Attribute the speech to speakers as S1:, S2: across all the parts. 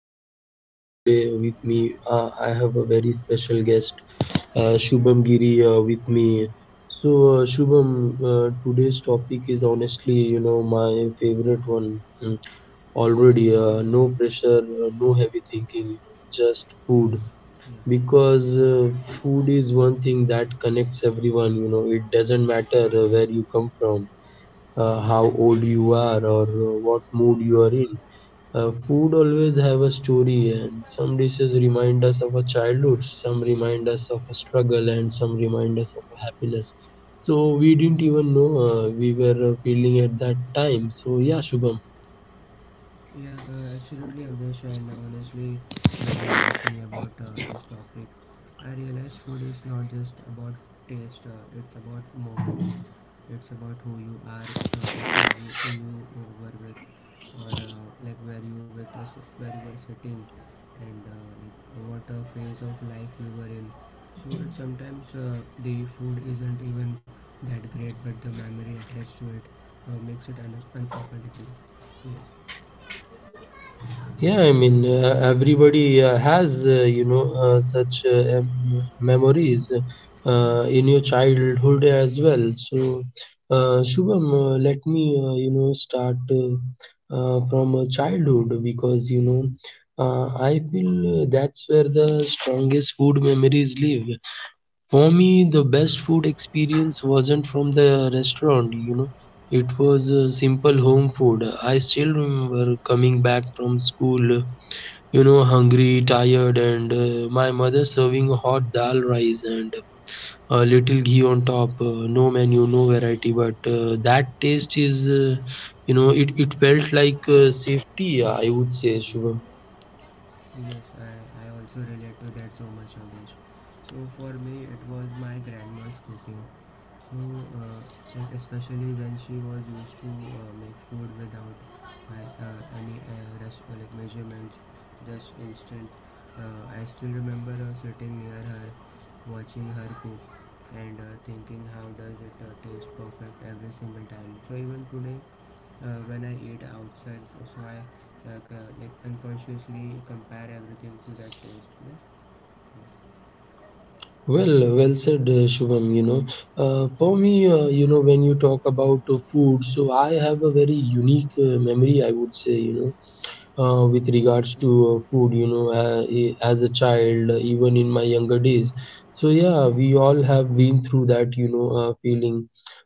S1: Avdesh, your host, and today with me, I have a very special guest, Shubham Giri, with me. So, Shubham, today's topic is honestly, you know, my favorite one, already. No pressure, no heavy thinking, just food. Because food is one thing that connects everyone, you know. It doesn't matter where you come from, how
S2: 嗯
S1: old you are, or what mood you are in. Food always have a story, and some dishes remind us of our childhood, some remind us of a struggle, and some remind us of a happiness. So
S2: 嗯
S1: we didn't even know we were feeling at that time. So yeah, Shubham.
S2: Yeah, absolutely, Avdesh. And honestly, when you asked me about this topic, I realized food is not just about taste, it's about moments, it's about who you are, like who you were with, or like where you with us, where you were sitting, and like what phase of life you were in. So it sometimes the food isn't even that great, but the memory attached to it makes it unforgettable. Yes.
S1: Yeah, I mean, everybody has, you know, such memories in your childhood as well. So, Shubham, let me, you know, start from childhood because, you know, I feel that's where the strongest food memories live. For me, the best food experience wasn't from the restaurant, you know. It was simple home food. I still remember coming back from school, you know,
S2: Yes,
S1: hungry, tired, and my mother serving hot dal rice and a
S2: yes,
S1: little ghee on top. No menu, no variety, but that taste is, you know, it felt like safety, I would say, Shubham.
S2: yes. I also relate to that so much, Yogesh. So for me, it was my grandma's cooking. So uh, like especially when she was used to make food without any like measurements, just instant. I still remember sitting near her, watching her cook, and thinking how does it taste perfect every single time. So even today, when I eat outside. So I like unconsciously compare everything to that taste. Yes.
S1: Well said, Shubham. You know, for me, you know, when you talk about food, so I have a very unique memory, I would say, you know,
S2: Yes. Yes. Yes.
S1: with
S2: Yes.
S1: regards
S2: Yes.
S1: to food, you know, as a child, even in my younger days. So yeah, we all have been through that, you know, feeling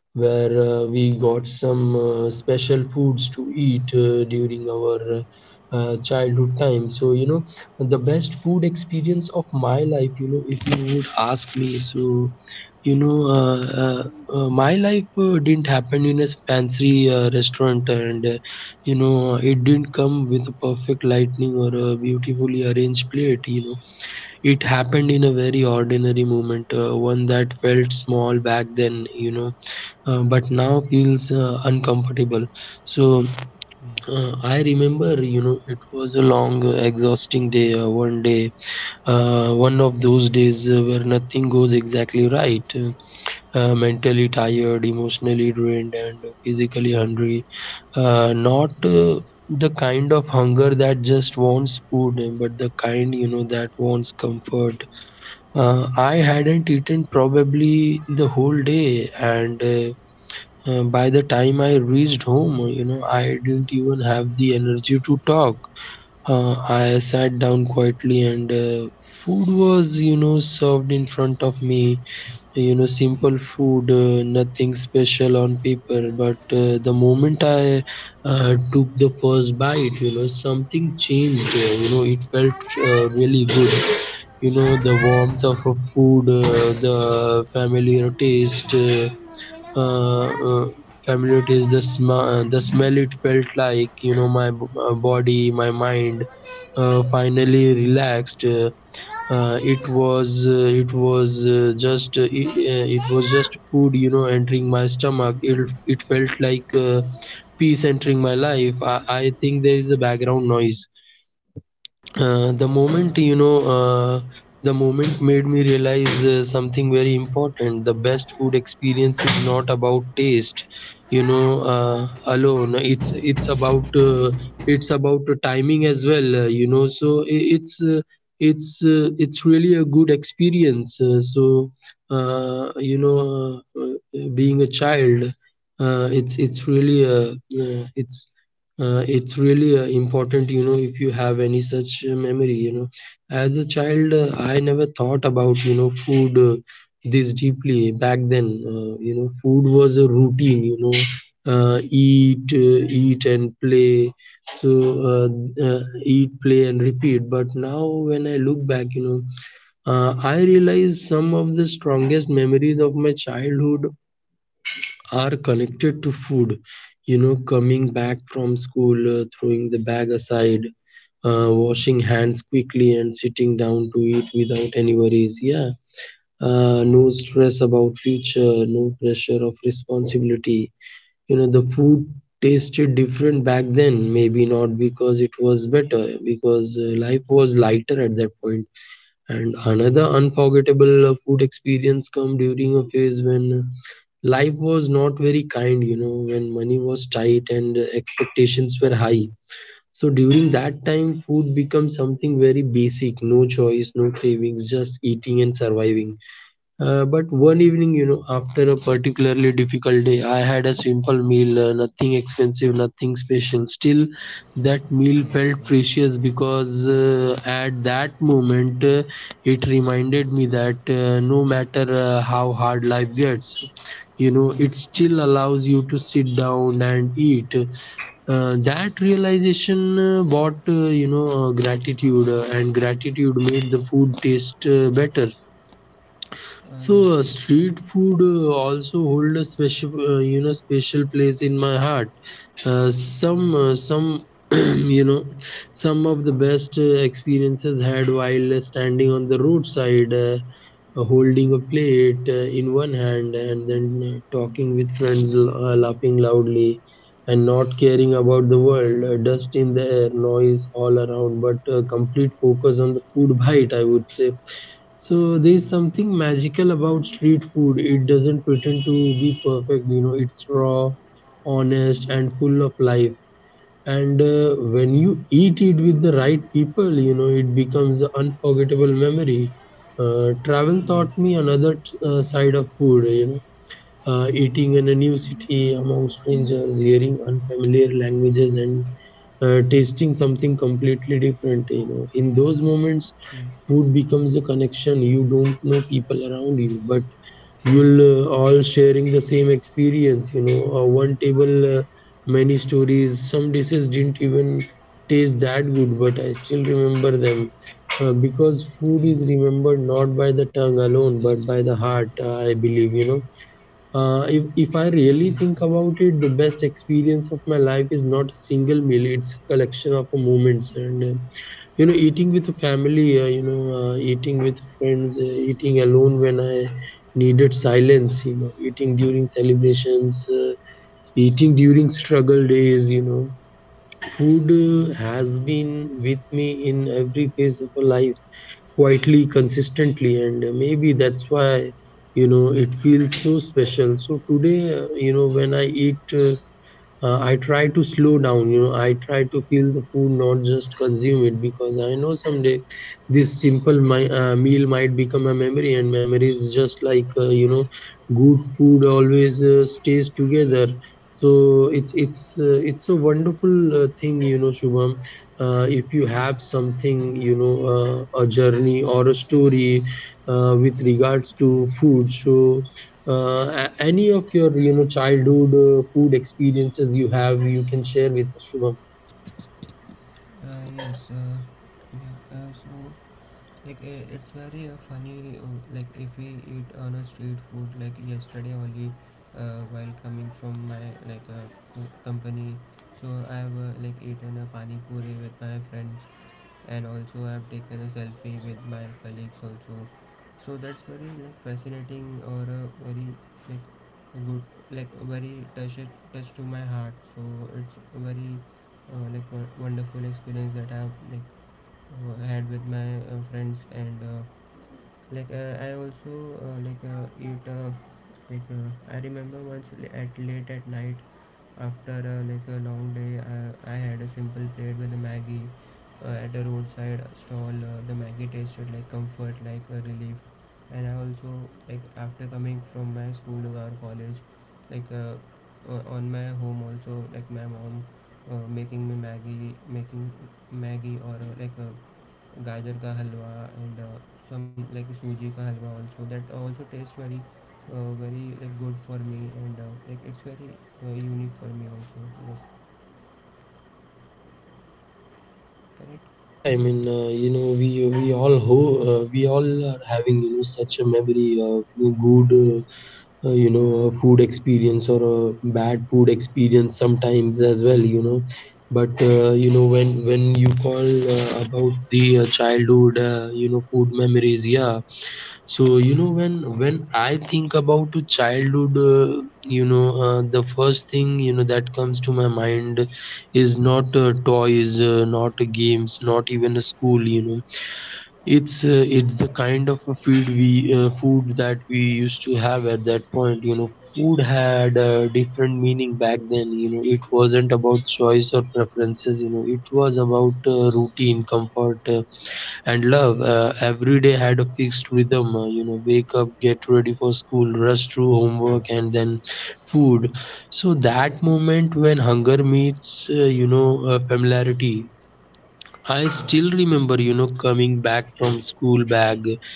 S1: where we got some special foods to eat during our childhood time. So, you know, the best food experience of my life, you know, if you would ask me, so, you know, my life didn't happen in a fancy restaurant, and, you know, it didn't come with a perfect lighting or a beautifully arranged plate, you know. It happened in a very ordinary moment, one that felt small back then, you know, but now feels uncomfortable. So
S2: Yes.
S1: I remember, you know, it was a long, exhausting day. One day, one of those days where nothing goes exactly right. Mentally tired, emotionally drained, and physically hungry. Not the kind of hunger that just wants food, but the kind, you know, that wants comfort. I hadn't eaten probably the whole day, and by the time I reached home, you know, I didn't even have the energy to talk. I
S2: Yes.
S1: sat down quietly, and food was, you know, served in front of me. You know,
S2: Yes.
S1: simple
S2: Yes.
S1: food, nothing special on paper. But the moment I took the first bite, you know, something changed. You know, it felt
S2: Mama.
S1: really good.
S2: Mama.
S1: You know, the
S2: mama.
S1: warmth of a food, the
S2: मम-
S1: familiar
S2: बताओ.
S1: taste.
S2: Mummy ने बोले ना.
S1: Uh, uh,
S2: दाओ
S1: Familiar it
S2: mama
S1: is the
S2: के पास.
S1: the smell. It felt like, you know, my body, my
S2: अभी तुमको दे
S1: mind
S2: दे रही हूँ.
S1: finally relaxed. Uh,
S2: लो ये ले लो.
S1: it was just it,
S2: ले
S1: It
S2: low.
S1: was just food, you know, entering my stomach. It felt like peace entering my life. I think there is a
S2: Yes.
S1: background noise. The moment, you know, the moment made me realize something very important. The best food experience is not about taste, you know, alone. It's about, it's about the timing as well. You know, so it's really a good experience. Uh, you know uh, uh, Being a child, it's really, uh, it's it's really important, you know, if you have any such memory, you know, as a child. I never thought about, you know, food this deeply back then. You know, food was a routine, you know. Eat and play. So uh, eat, play, and repeat. But now when I look back, you know, I realize some of the strongest memories of my childhood are connected to food. You know, coming back from school, throwing the bag aside, washing hands quickly, and sitting down to eat without any worries. Yeah. No stress about future, no pressure of responsibility. You know, the food tasted different back then. Maybe not because it was better, because life was lighter at that point. And another unforgettable food experience come during a phase when life was not very kind, you know, when money was tight and expectations were high. So during that time, food becomes something very basic: no choice, no cravings, just eating and surviving. But one evening, you know, after a particularly difficult day, I had a simple meal, nothing expensive, nothing special. Still, that meal
S2: Yes,
S1: felt
S2: nie,
S1: precious because at that moment, it
S2: nie,
S1: reminded me that no matter how hard life gets, you
S2: yes,
S1: know, it
S2: nie.
S1: still allows you to sit down and eat. That realization brought, you know, gratitude, and gratitude made the food taste better.
S2: A yes,
S1: So
S2: nie, ten,
S1: street food also hold a special, you know, special place in my heart.
S2: yes,
S1: Some, you know, some of the best experiences had while standing on the roadside, holding a plate in one hand, and then talking with friends, laughing loudly, and not
S2: yes,
S1: caring about the world. Dust in the air, noise all around, but complete focus on the food bite, I would say. So there's
S2: yes,
S1: something magical about street food. It doesn't pretend to be perfect, you know. It's raw, honest, and full of life. And
S2: yes,
S1: when you eat it with the right people, you know, it becomes an unforgettable memory. Travel
S2: yes,
S1: taught me another side of food, you know, eating in a new city among strangers, hearing unfamiliar languages, and tasting something completely different. You know, in those moments, food becomes a connection. You don't know people around you, but you'll all sharing the same experience. You know, one table, many stories. Some dishes didn't even taste that good, but I still remember them. Because food is remembered not by the tongue alone, but by the heart, I believe, you know,
S2: yes, yes, yes, jest,
S1: if
S2: nie
S1: I really
S2: jest,
S1: think about it, the best experience of my life is not a single meal, it's a collection of moments. And, you know, eating with a family, you know, eating with friends, eating alone when I needed silence, you know, eating during celebrations, eating during struggle days, you know. Food has been with me in every phase of our life quietly, consistently, and maybe that's why, you know, it feels so special. So today, you know, when I eat, I try to slow down. You know, I try to feel the food, not just consume it, because I know someday this simple my, meal might become a memory, and memories, just like, you know, good food, always stays together. So it's a wonderful thing, you know, Shubham. If you have something, you know, a journey or a story with regards to food, so any of your, you know, childhood food experiences you have, you can share with us, Shubham.
S2: yes, yeah, so, like, it's very funny, like, if we eat on a street food, like, yesterday only, while coming from my, like, company, so I've, like, eaten a pani puri with my friend. And also I've taken a selfie with my colleagues also. So that's very like fascinating or a very like good like very touch to my heart. So it's a very like wonderful experience that I've like had with my friends and like I also like eat like I remember once at late at night after like a long day I had a simple plate with a maggie at a roadside stall. The maggie tasted like comfort, like a relief. And I also like after coming from my school or college like on my home also, like my mom making maggie or like gajar ka halwa and some like suji ka halwa also, that also tastes very very like good for me, and like it's very unique for me also. Yes. Correct.
S1: Yeah, I mean, you know, we all are having, you know, such a memory of good,
S2: Yes.
S1: you know, a food experience or a bad food experience sometimes as well, you know. But you know,
S2: Yes.
S1: when you call about the childhood, you know, food memories. Yeah. So you know, when
S2: Yes.
S1: I think about the childhood, you know, the first thing, you know, that comes to my mind is not toys, not games, not even a school, you know. It's the kind of a food that we used to have at that point. You know, food had a different meaning back then. You know, it wasn't about choice or preferences. You know, it was about routine, comfort, and love. Every day had a fixed rhythm. You know, wake up, get ready for school, rush through homework, and then food. So that moment when hunger meets, familiarity. I
S2: Yes.
S1: still remember,
S2: uh,
S1: coming back from school bag,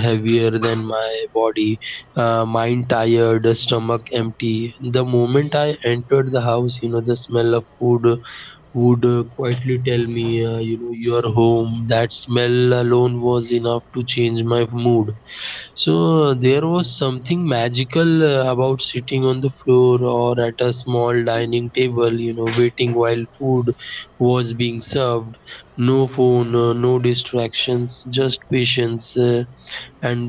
S1: heavier than my body, mind tired, stomach
S2: yes.
S1: empty. The moment I entered the house, the smell of food would quietly tell me, you are home. That smell alone was enough to change my mood.
S2: Yes.
S1: So there was
S2: Yes.
S1: something magical about sitting on the floor or at a small dining table, waiting while food was being served. No phone,
S2: Yes.
S1: no distractions, just patience.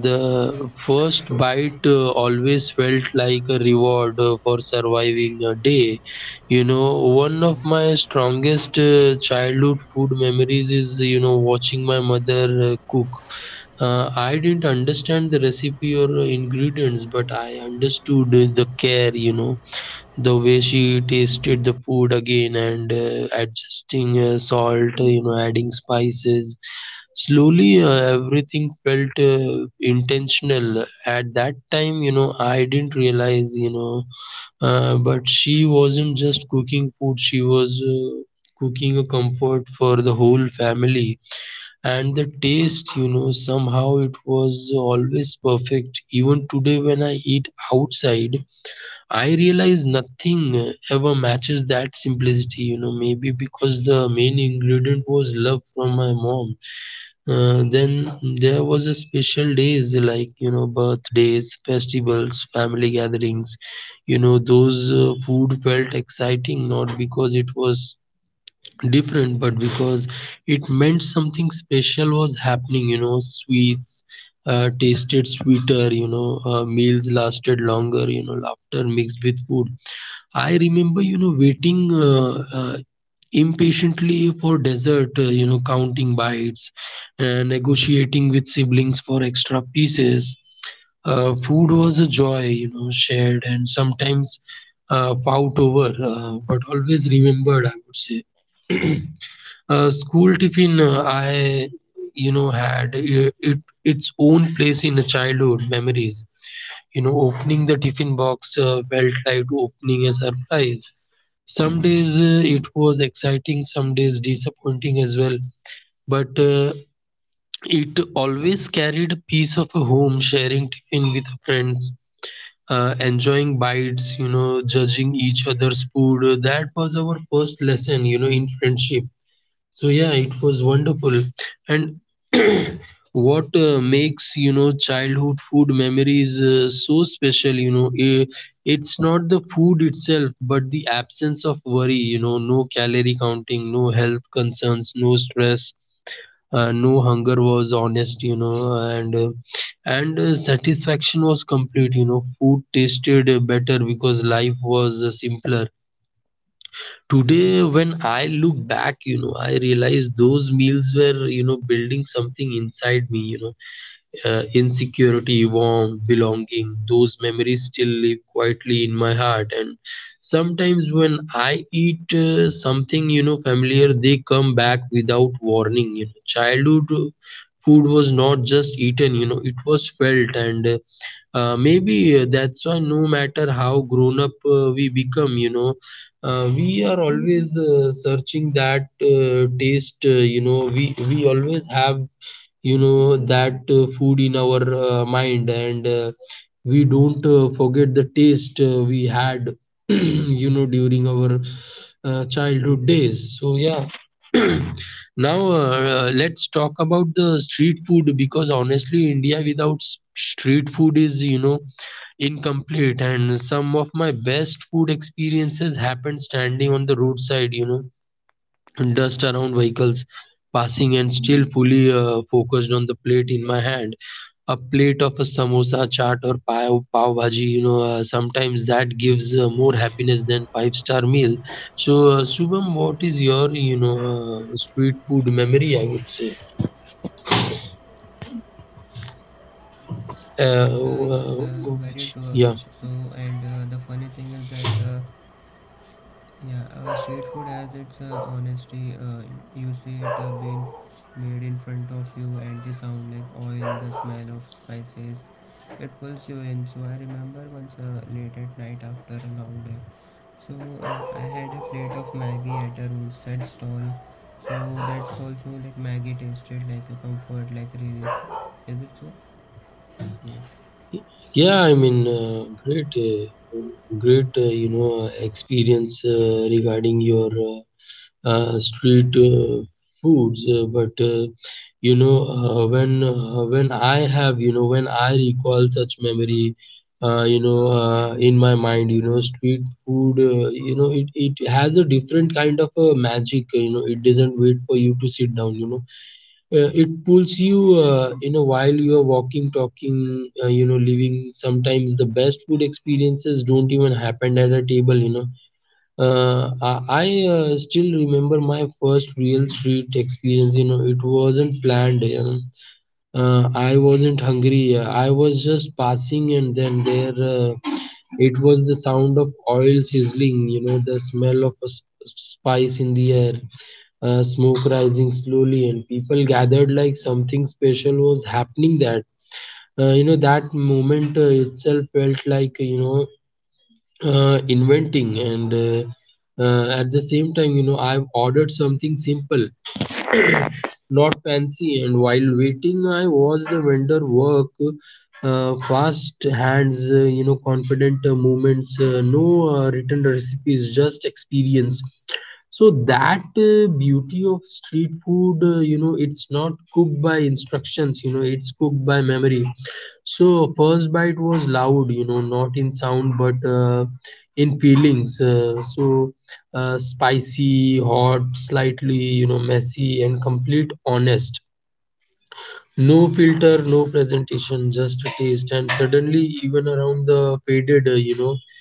S1: And
S2: Yes,
S1: the first bite always felt like a reward for surviving a day. One of
S2: yes.
S1: my strongest childhood food memories is, watching my mother cook. I didn't understand the recipe or ingredients, but I understood the care, the way she tasted the food again and adjusting salt, adding spices. Slowly, everything felt intentional. At that time, I didn't realize, but she wasn't just cooking food, she was cooking a comfort for the whole family. And the taste, somehow it was always perfect. Even today when I eat outside, I realize nothing ever matches that simplicity. Maybe because the main ingredient was love from my mom. Then there was a special days like, birthdays, festivals, family gatherings. Those food felt exciting, not because it was different, but because it meant something special was happening. Sweets tasted sweeter, meals lasted longer, laughter mixed with food. I remember, waiting impatiently for dessert, counting bites, negotiating with siblings for extra pieces. Food was a joy, shared and sometimes fought over, but always remembered, I would say. School tiffin, I, you know, had I- it, its own place in the childhood memories. Opening the tiffin box felt like opening a surprise. Some days it was exciting, some days disappointing as well. But it always carried a piece of a home, sharing tiffin with friends, enjoying bites, judging each other's food. That was our first lesson, in friendship. So yeah, it was wonderful. And what makes, childhood food memories so special? It's not the food itself, but the absence of worry. No calorie counting, no health concerns, no stress. No hunger was honest, and satisfaction was complete. Food tasted better because life was simpler. Today, when I look back, I realize those meals were, building something inside me, insecurity, warmth, belonging. Those memories still live quietly in my heart. And sometimes when I eat something, familiar, they come back without warning. Childhood food was not just eaten, it was felt. And maybe that's why no matter how grown up we become, we are always searching that taste. We always have, that food in our mind, and we don't forget the taste we had during our childhood days. So yeah. Now let's talk about the street food, because honestly India without street food is, incomplete, and some of my best food experiences happened standing on the roadside. Dust around, vehicles passing, and still fully focused on the plate in my hand. A plate of a samosa, chaat, or pav, pav bhaji, sometimes that gives more happiness than five star meal. So, Shubham, what is your, street food memory, I would say? Uh,
S2: Yes,
S1: uh,
S2: very true
S1: which,
S2: of this.
S1: yeah.
S2: So, and the funny thing is that yeah, street food has its honesty. You see it being made in front of you, and the sound like oil, the smell of spices, it pulls you in. So I remember once late at night after a long day, so I had a plate of Maggie at a roadside stall. So that's also like Maggie tasted like a comfort, like relief. Is it so? Yeah.
S1: Yeah, I mean, great, experience regarding your street foods, but when I have, when I recall such memory, in my mind, street food, it has a different kind of magic. It doesn't wait for you to sit down. It pulls you you know while you are walking, talking, living. Sometimes the best food experiences don't even happen at a table, I still remember my first real street experience. It wasn't planned. I wasn't hungry. I was just passing, and then there it was the sound of oil sizzling. The smell of a spice in the air, smoke rising slowly, and people gathered like something special was happening. That moment itself felt like, inventing. And At the same time, I've ordered something simple, not fancy, and while waiting I watched the vendor work. Fast hands, confident movements, no written recipes, just experience. So that beauty of street food, it's not cooked by instructions, it's cooked by memory. So first bite was loud, not in sound but in feelings. Spicy, hot, slightly, messy and complete, honest. No filter, no presentation, just a taste. And suddenly, even around the faded, uh, you know,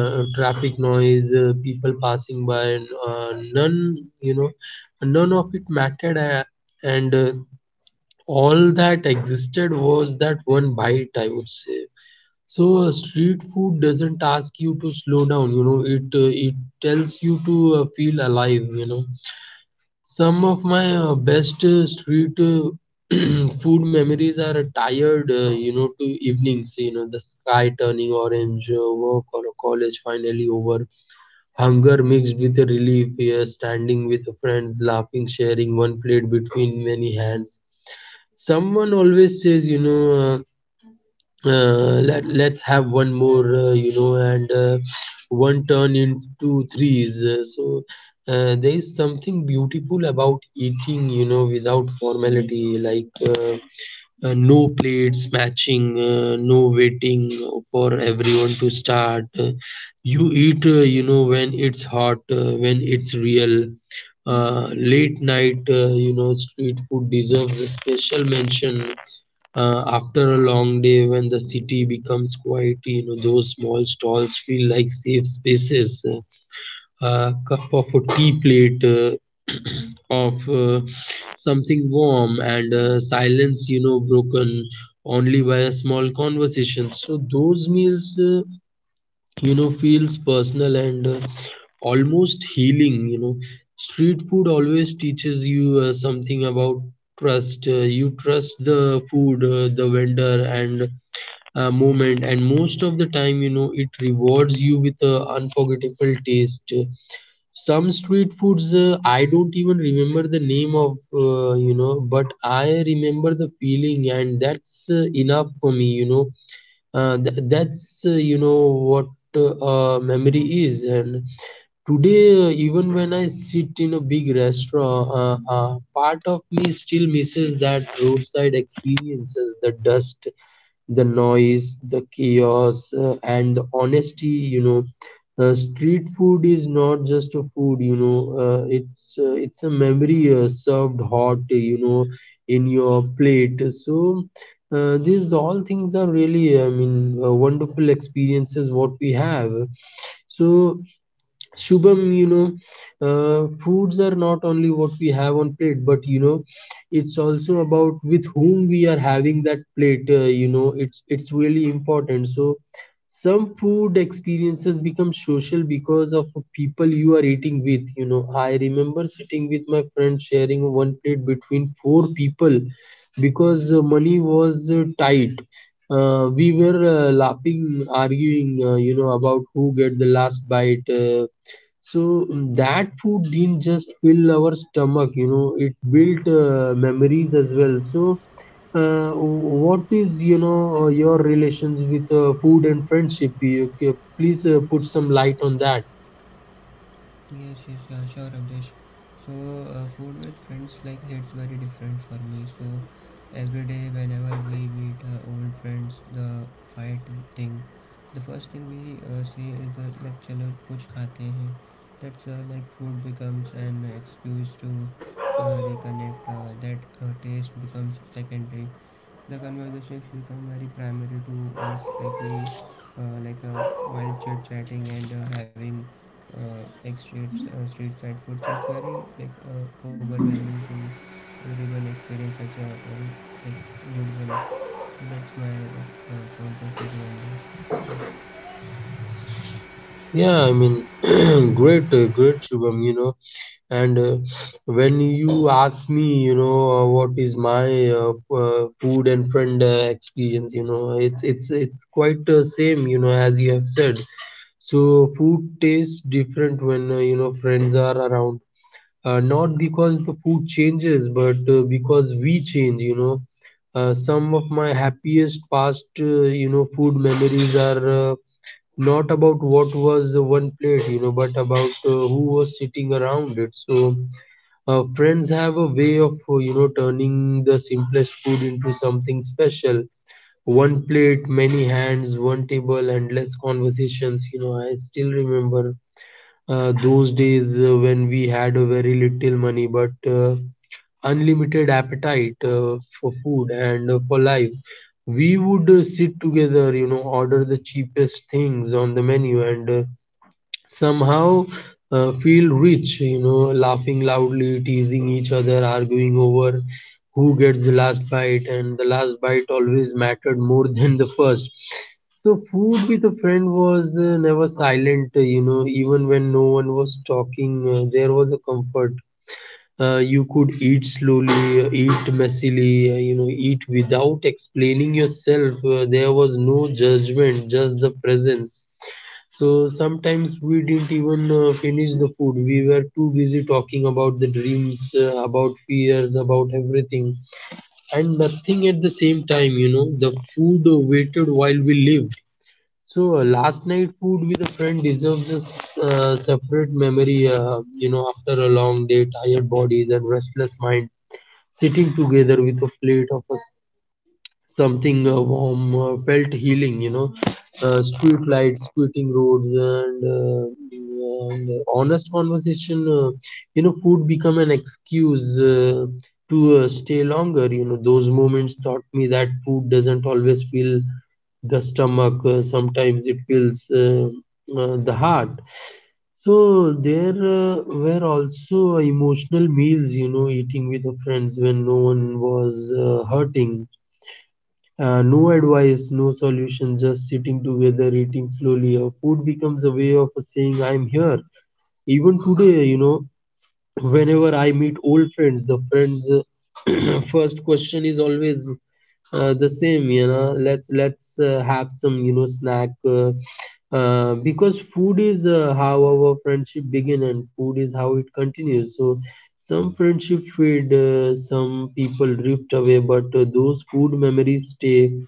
S1: uh, traffic noise, people passing by, and, none, you know, none of it mattered. And all that existed was that one bite, I would say. So street food doesn't ask you to slow down, you know. It tells you to feel alive, you know. Some of my best street food memories are tired, to evenings, the sky turning orange, work or college finally over, hunger mixed with a relief, yeah, standing with friends, laughing, sharing one plate between many hands. Someone always says, let's have one more, you know, and one turn into threes. So there is something beautiful about eating, without formality. Like no plates matching, no waiting for everyone to start. You eat, when it's hot, when it's real. Late night, street food deserves a special mention. After a long day, when the city becomes quiet, those small stalls feel like safe spaces. A cup of a tea plate, of something warm, and silence, broken only by a small conversation. So those meals, feels personal and almost healing, you know. Street food always teaches you something about trust. You trust the food, the vendor, and moment, and most of the time, it rewards you with an unforgettable taste. Some street foods, I don't even remember the name of, but I remember the feeling, and that's enough for me, you know. That's what memory is. And today, even when I sit in a big restaurant, part of me still misses that roadside experiences, the dust, the noise, the chaos, and the honesty. Street food is not just a food. It's a memory served hot. In your plate. So. These all things are really, I mean, wonderful experiences what we have. So Shubham, foods are not only what we have on plate, but it's also about with whom we are having that plate. It's really important. So, some food experiences become social because of people you are eating with. I remember sitting with my friend sharing one plate between four people because money was tight. We were laughing, arguing, about who get the last bite. So that food didn't just fill our stomach, it built memories as well. So, what is, your relations with food and friendship? Please put some light on that.
S2: Yes, yes, yeah, sure, Abdesh. So, food with friends, like it's very different for me. So, every day whenever we meet old friends, the fight thing, the first thing we say is like चलो कुछ खाते हैं. That's like food becomes an excuse to reconnect. That taste becomes secondary. The conversations become very primary to us, like we like while chit chatting and having like street side food, so it's very like overwhelming to everyone experience such a very like good one. That's my point of view on this.
S1: Yeah, I mean, great, Shubham, you know. And when you ask me, what is my food and friend experience, it's quite same, as you have said. So food tastes different when friends are around. Not because the food changes, but because we change. Some of my happiest past food memories are not about what was one plate. But about who was sitting around it. So friends have a way of turning the simplest food into something special, one plate, many hands, one table, and less conversations. I still remember those days when we had a very little money but unlimited appetite for food and for life. We would sit together, order the cheapest things on the menu, and somehow feel rich, laughing loudly, teasing each other, arguing over who gets the last bite, and the last bite always mattered more than the first. So, food with a friend was never silent, even when no one was talking, there was a comfort. You could eat slowly, eat messily, eat without explaining yourself. There was no judgment, just the presence. So sometimes we didn't even finish the food. We were too busy talking about the dreams, about fears, about everything, and nothing at the same time. The food waited while we lived. So last night food with a friend deserves a separate memory. After a long day, tired bodies and restless mind, sitting together with a plate of a something warm felt healing. Street lights quitting roads, and honest conversation. Food become an excuse to stay longer. Those moments taught me that food doesn't always fill the stomach, sometimes it fills, the heart. So there were also emotional meals, eating with the friends when no one was hurting, no advice, no solution, just sitting together, eating slowly. Food becomes a way of saying, I'm here. Even today, whenever I meet old friends, the friends' first question is always, the same. Let's have some, snack. Because food is how our friendship begin and food is how it continues. So some friendship fade, some people drift away, but those food memories stay.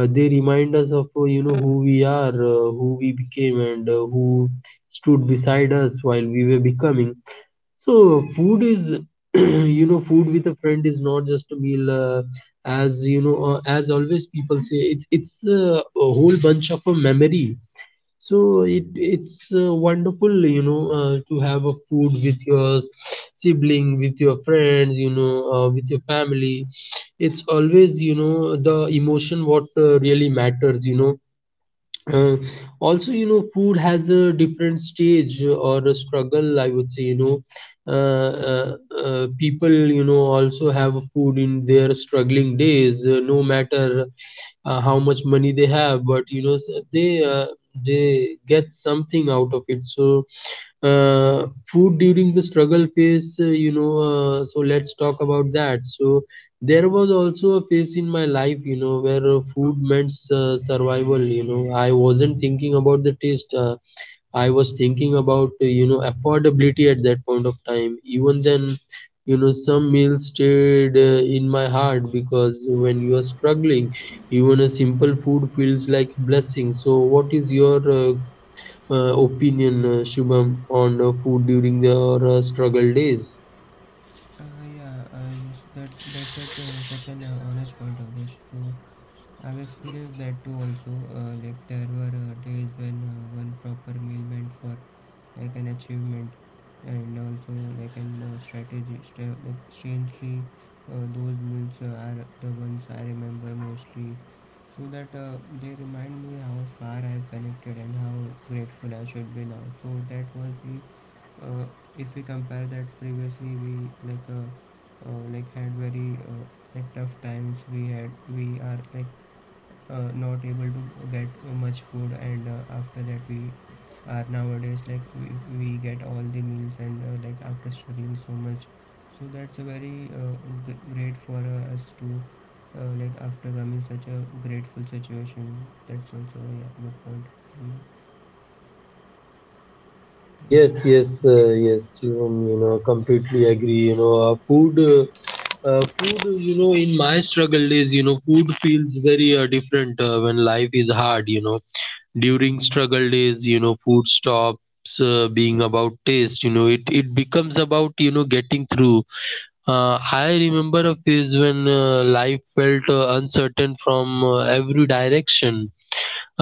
S1: They remind us of who we are, who we became, and who stood beside us while we were becoming. So food is, food with a friend is not just a meal. As you know, as always people say, it's a whole bunch of a memory. So it's wonderful, to have a food with your sibling, with your friends, with your family. It's always, the emotion what really matters. Uh, also, food has a different stage or a struggle, I would say. Uh, uh, people also have food in their struggling days, no matter how much money they have, but, they, uh, they get something out of it. So food during the struggle phase, so let's talk about that. So, there was also a phase in my life, where food meant survival. I wasn't thinking about the taste. I was thinking about affordability at that point of time. Even then, some meals stayed in my heart because when you are struggling, even a simple food feels like blessing. So, what is your opinion, Shubham, on food during your struggle days?
S2: Yeah, that's such an honest point of this. So I've experienced that too also, like there were days when one proper meal meant for like an achievement. And also like an strategy like strangely those meals are the ones I remember mostly, so that they remind me how far I have connected and how grateful I should be now. So that was the uh, if we compare that previously we like uh, like had very like tough times. We had, we are like not able to get much food, and after that we are nowadays, like we get all the meals, and like after struggling so much, so that's a very great for us to like after coming such a grateful situation. That's also, yeah, good point. Mm.
S1: Yes, yes, yes, Shivam, completely agree. You know, food, food, you know, in my struggle days, food feels very different when life is hard. During struggle days, food stops being about taste, it becomes about, getting through. I remember a phase when life felt uncertain from every direction.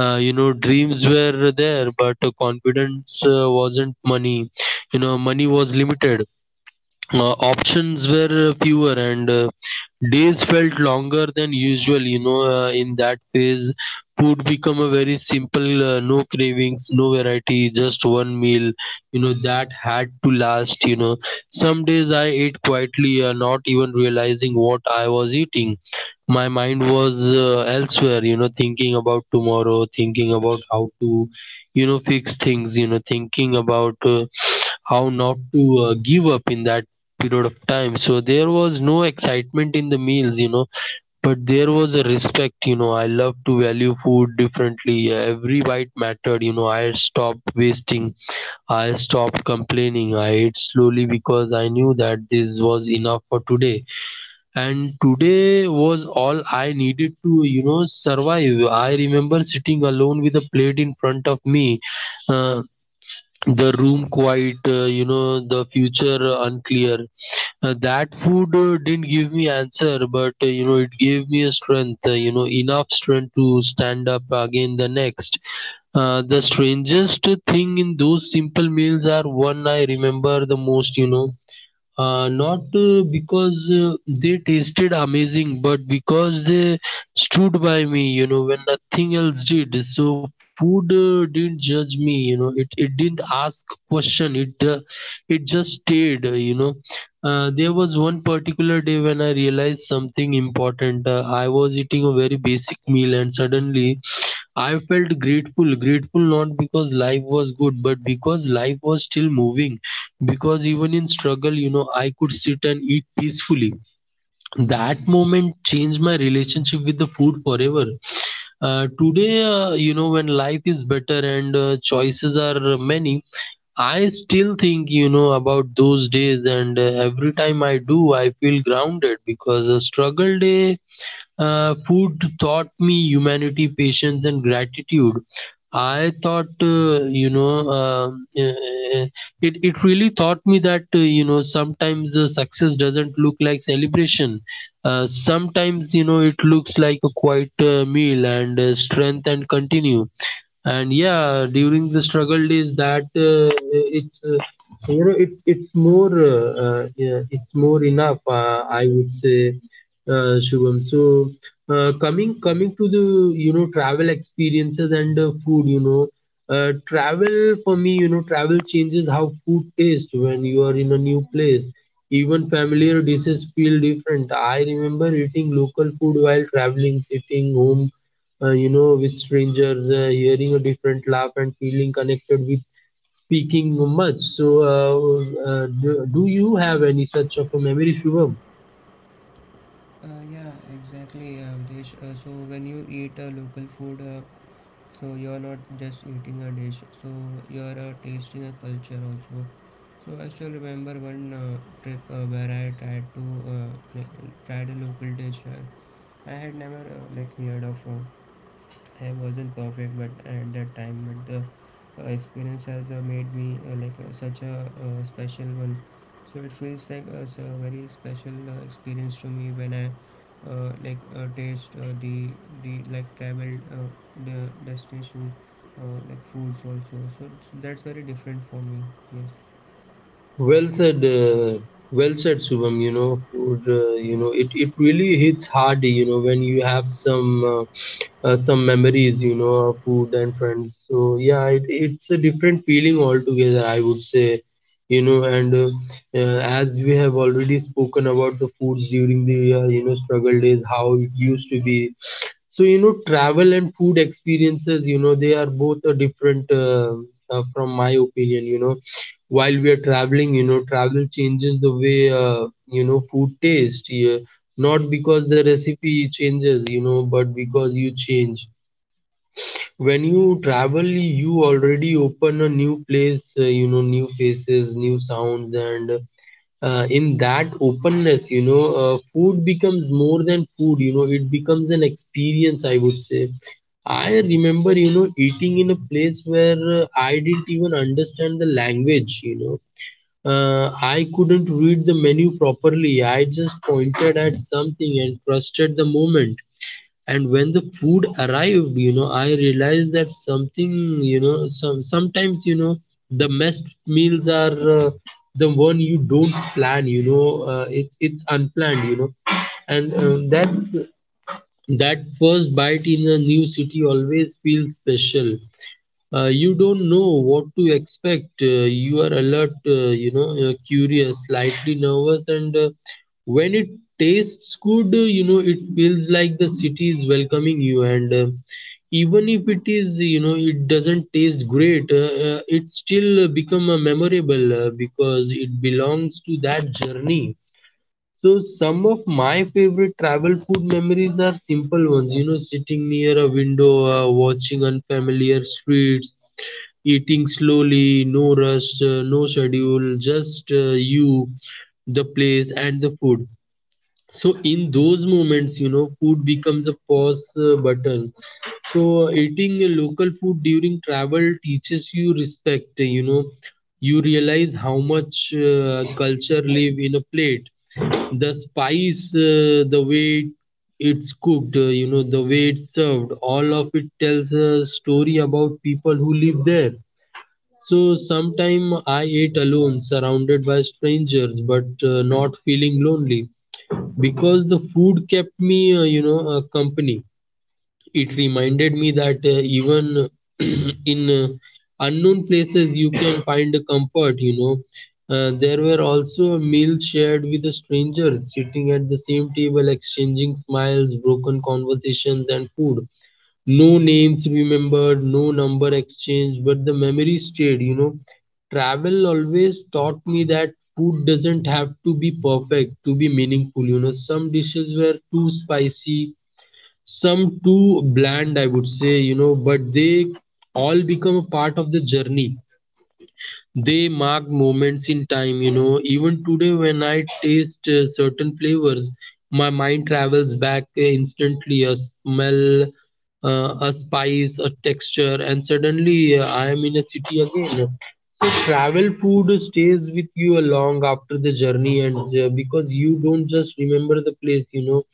S1: Dreams were there but confidence wasn't. Money you know money was limited, options were fewer, and days felt longer than usual, in that phase. Food become a very simple, no cravings, no variety, just one meal, that had to last. Some days I ate quietly, not even realizing what I was eating. My mind was elsewhere, thinking about tomorrow, thinking about how to, fix things, thinking about how not to give up in that period of time. So there was no excitement in the meals, but there was a respect. I love to value food differently. Every bite mattered. I stopped wasting, I stopped complaining, I ate slowly because I knew that this was enough for today, and today was all I needed to survive. I remember sitting alone with a plate in front of me. Uh, the room quite, the future unclear. That food didn't give me answer, but it gave me a strength, enough strength to stand up again the next. The strangest thing in those simple meals are one I remember the most, not because they tasted amazing, but because they stood by me, when nothing else did. So food didn't judge me, It didn't ask question. It just stayed, There was one particular day when I realized something important. I was eating a very basic meal, and suddenly I felt grateful, grateful not because life was good, but because life was still moving. Because even in struggle, I could sit and eat peacefully. That moment changed my relationship with the food forever. Today, when life is better and choices are many, I still think, about those days. And every time I do, I feel grounded because a struggle day food taught me humanity, patience, and gratitude. I thought, it really taught me that, sometimes success doesn't look like celebration. Sometimes, it looks like a quiet meal and strength and continue. And yeah, during the struggle days, that it's, it's more yeah, it's more enough. I would say, Shubham. So coming to the travel experiences and food. Travel for me, travel changes how food tastes when you are in a new place. Even familiar dishes feel different. I remember eating local food while traveling, sitting home with strangers, hearing a different laugh and feeling connected with speaking much. So do you have any such of a memory, Shubham?
S2: Yeah, exactly dish. So when you eat a local food, so you're not just eating a dish, so you're tasting a culture also. So I still remember one trip where I tried to like, tried a local dish I had never like heard of. I wasn't perfect, but at that time, but the experience has made me like such a special one. So it feels like a, a very special experience to me when I like taste the like travel, the destination like foods also. So that's very different for me. Yes,
S1: Well said, uh, well said, Shubham. You know, food, uh, you know,
S2: yes,
S1: it, it really hits hard, when you have some.
S2: yeah.
S1: Some memories, of food and friends. So yeah, it's a different feeling altogether, I would say. And as we have already spoken about the foods during the struggle days, how it used to be, so travel and food experiences, they are both a different, from my opinion. You know, while we are traveling, travel changes the way, food tastes. Yeah. Not because the recipe changes, but because you change. When you travel you already open a new place, new places, new sounds, and in that openness, food becomes more than food, it becomes an experience, I would say. I remember eating in a place where I didn't even understand the language. I couldn't read the menu properly. I just pointed at something and trusted the moment, and when the food arrived, I realized that something, sometimes the best meals are the one you don't plan. It's unplanned. And that first bite in a new city always feels special. You don't know what to expect. You are alert, curious, slightly nervous, and when it tastes good, it feels like the city is welcoming you. And even if it is, it doesn't taste great, it still become memorable because it belongs to that journey. So some of my favorite travel food memories are simple ones, you know, sitting near a window, watching unfamiliar streets, eating slowly, no rush, no schedule, just you, the place, and the food. So, in those moments, you know, food becomes a pause button. So, eating a local food during travel teaches you respect, you know. You realize how much culture live in a plate. The spice, the way it's cooked, you know, the way it's served, all of it tells a story about people who live there. So sometime I eat alone, surrounded by strangers, but not feeling lonely because the food kept me, company. It reminded me that even in unknown places you can find a comfort. You know, there were also meals shared with the strangers, sitting at the same table, exchanging smiles, broken conversations, and food, no names remembered, no number exchanged, but the memory stayed, you know. Travel always taught me that food doesn't have to be perfect to be meaningful, you know. Some dishes were too spicy, some too bland, I would say, you know, but they all become a part of the journey. They mark moments in time, you know. Even today, when I taste certain flavors, my mind travels back instantly. A smell, a spice, a texture, and suddenly I am in a city again. So, travel food stays with you along after the journey, and because you don't just remember the place, you know,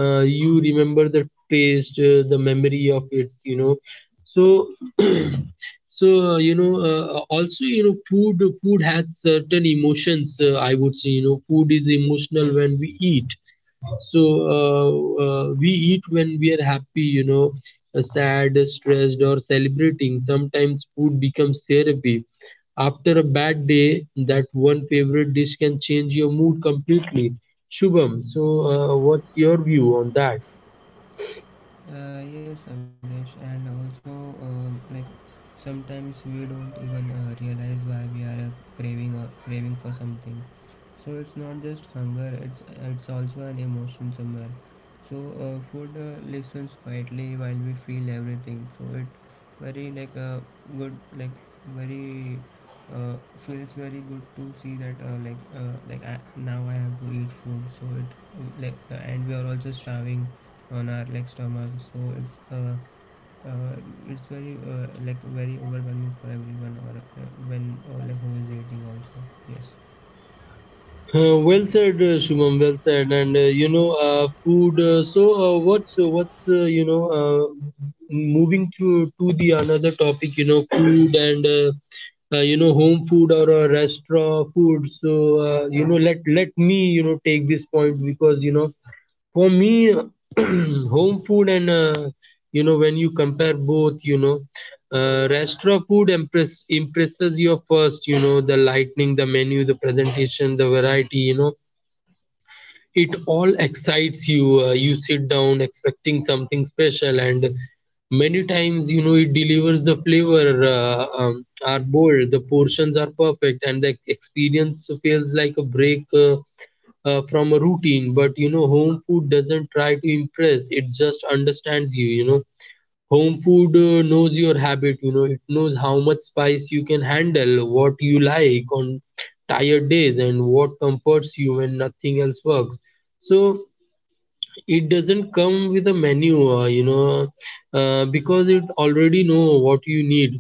S1: you remember the taste, the memory of it, you know. So, also you know food has certain emotions, I would say. You know, food is emotional when we eat. So we eat when we are happy, you know, sad, stressed, or celebrating. Sometimes food becomes therapy. After a bad day, that one favorite dish can change your mood completely. Shubham, so what's your view on that?
S2: Yes, Ablesh, and also, like sometimes we don't even realize why we are craving for something. So it's not just hunger, it's also an emotion somewhere. So food listens quietly while we feel everything, so it very like a good, like very uh, feels very good to see that like I, now I have to eat food, so it like and we are also starving on our, like, stomach. So uh, it's very like very overwhelming for everyone, or when, or like who is eating also. Yes.
S1: Well said,
S2: Correct.
S1: Shumam. Well said. And food. So, what's you know, Moving to the another topic. You know, food and you know, home food or restaurant food. So, you know, let me you know take this point because you know, for me, home food, and you know, when you compare both, you know, restaurant food impresses you first. You know, the lightning, the menu, the presentation, the variety. You know it all excites you. You sit down expecting something special, and many times you know it delivers. The flavor are bold, the portions are perfect, and the experience feels like a break from a routine. But you know, home food doesn't try to impress, it just understands you, you know. Home food knows your habit, you know. It knows how much spice you can handle, what you like on tired days, and what comforts you when nothing else works. So it doesn't come with a menu, uh, you know because it already know what you need.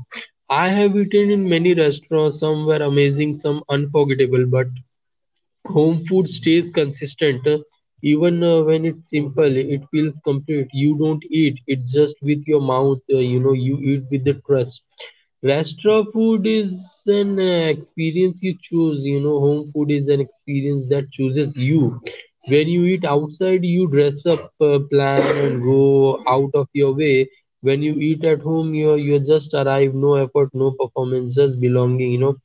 S1: I have eaten in many restaurants, some were amazing, some unforgettable, but home food stays consistent. Even when it's simple, it feels complete. You don't eat it just with your mouth. You eat with the trust. Restaurant food is an experience you choose. You know, home food is an experience that chooses you. When you eat outside, you dress up, plan, and go out of your way. When you eat at home, you just arrive, no effort, no performance, just belonging. You know,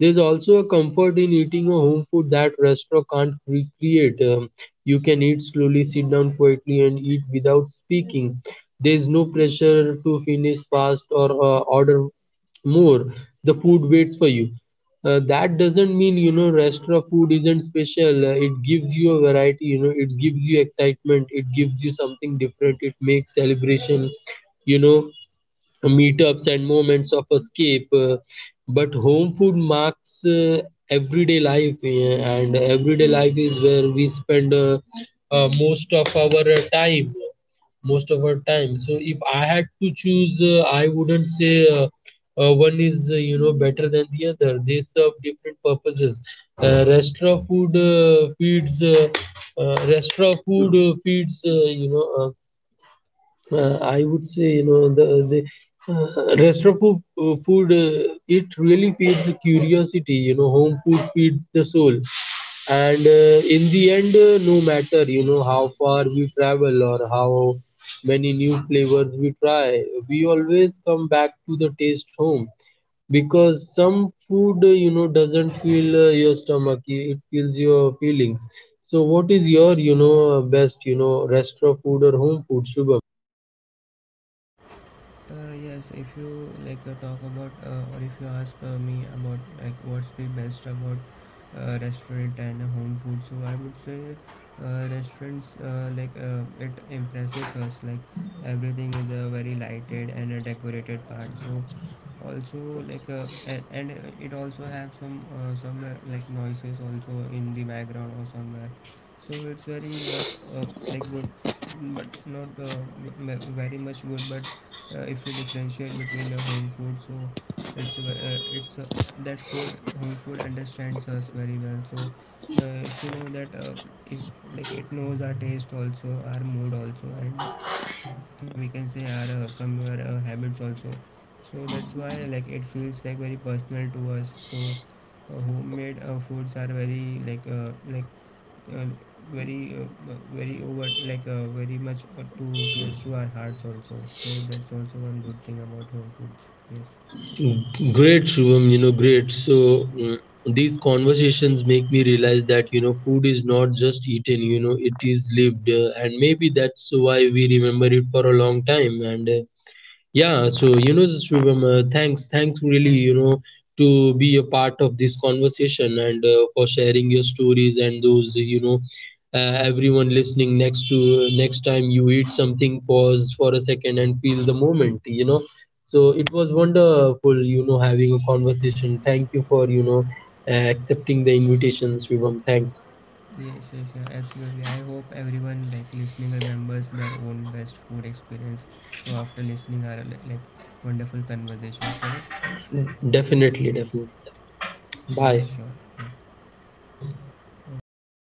S1: there's also a comfort in eating a home food that restaurant can't recreate. You can eat slowly, sit down quietly, and eat without speaking. There is no pressure to finish fast or order more. The food waits for you. That doesn't mean you know restaurant food isn't special. It gives you a variety, you know. It gives you excitement, it gives you something different, it makes celebration, you know, meetups and moments of escape. But home food marks everyday life, and everyday life is where we spend most of our time. Most of our time. So if I had to choose, I wouldn't say one is you know better than the other. They serve different purposes. Uh, restaurant food uh, feeds. Uh, Restaurant food feeds. I would say, you know, the restaurant food it really feeds the curiosity. You know, home food feeds the soul, and in the end, no matter you know how far we travel or how many new flavors we try, we always come back to the taste home, because some food, you know, doesn't feel your stomach; it feels your feelings. So, what is your, you know, best, you know, restaurant food or home food, Shubham?
S2: Uh, yes, if you like talk about or if you ask me about like what's the best about restaurant and home food, so I would say restaurants like it impresses us, like everything is very lighted and decorated part. So also like and it also have some somewhere like noises also in the background or somewhere, so it's very not uh, like good, but not very much good. But if we differentiate between a home food, so it's it's a, that food, home food understands us very well. So if you know that if, like, it knows our taste also, our mood also, and we can say are somewhere habits also, so that's why like it feels like very personal to us. So homemade foods are very like uh, very over, like very much too close to our hearts also, so that's also one good thing about home foods. Yes.
S1: Great, Shubham, you know, great. So, mm, these conversations make me realize that, you know, food is not just eaten, you know, it is lived. And maybe that's why we remember it for a long time. And Yeah, so you know, Shubham, thanks, thanks really, you know, to be a part of this conversation, and for sharing your stories and those, you know, everyone listening, next to next time you eat something, pause for a second and feel the moment, you know. So it was wonderful, you know, having a conversation. Thank you for, you know, accepting the invitation, Shubham. Thanks.
S2: Yes. Yes. Yeah, absolutely. I hope everyone like listening remembers their own best food experience, so after listening our like, wonderful conversations. Correct. Yes.
S1: Definitely, definitely.
S2: Yes,
S1: Bye.
S2: sure. Yeah, okay.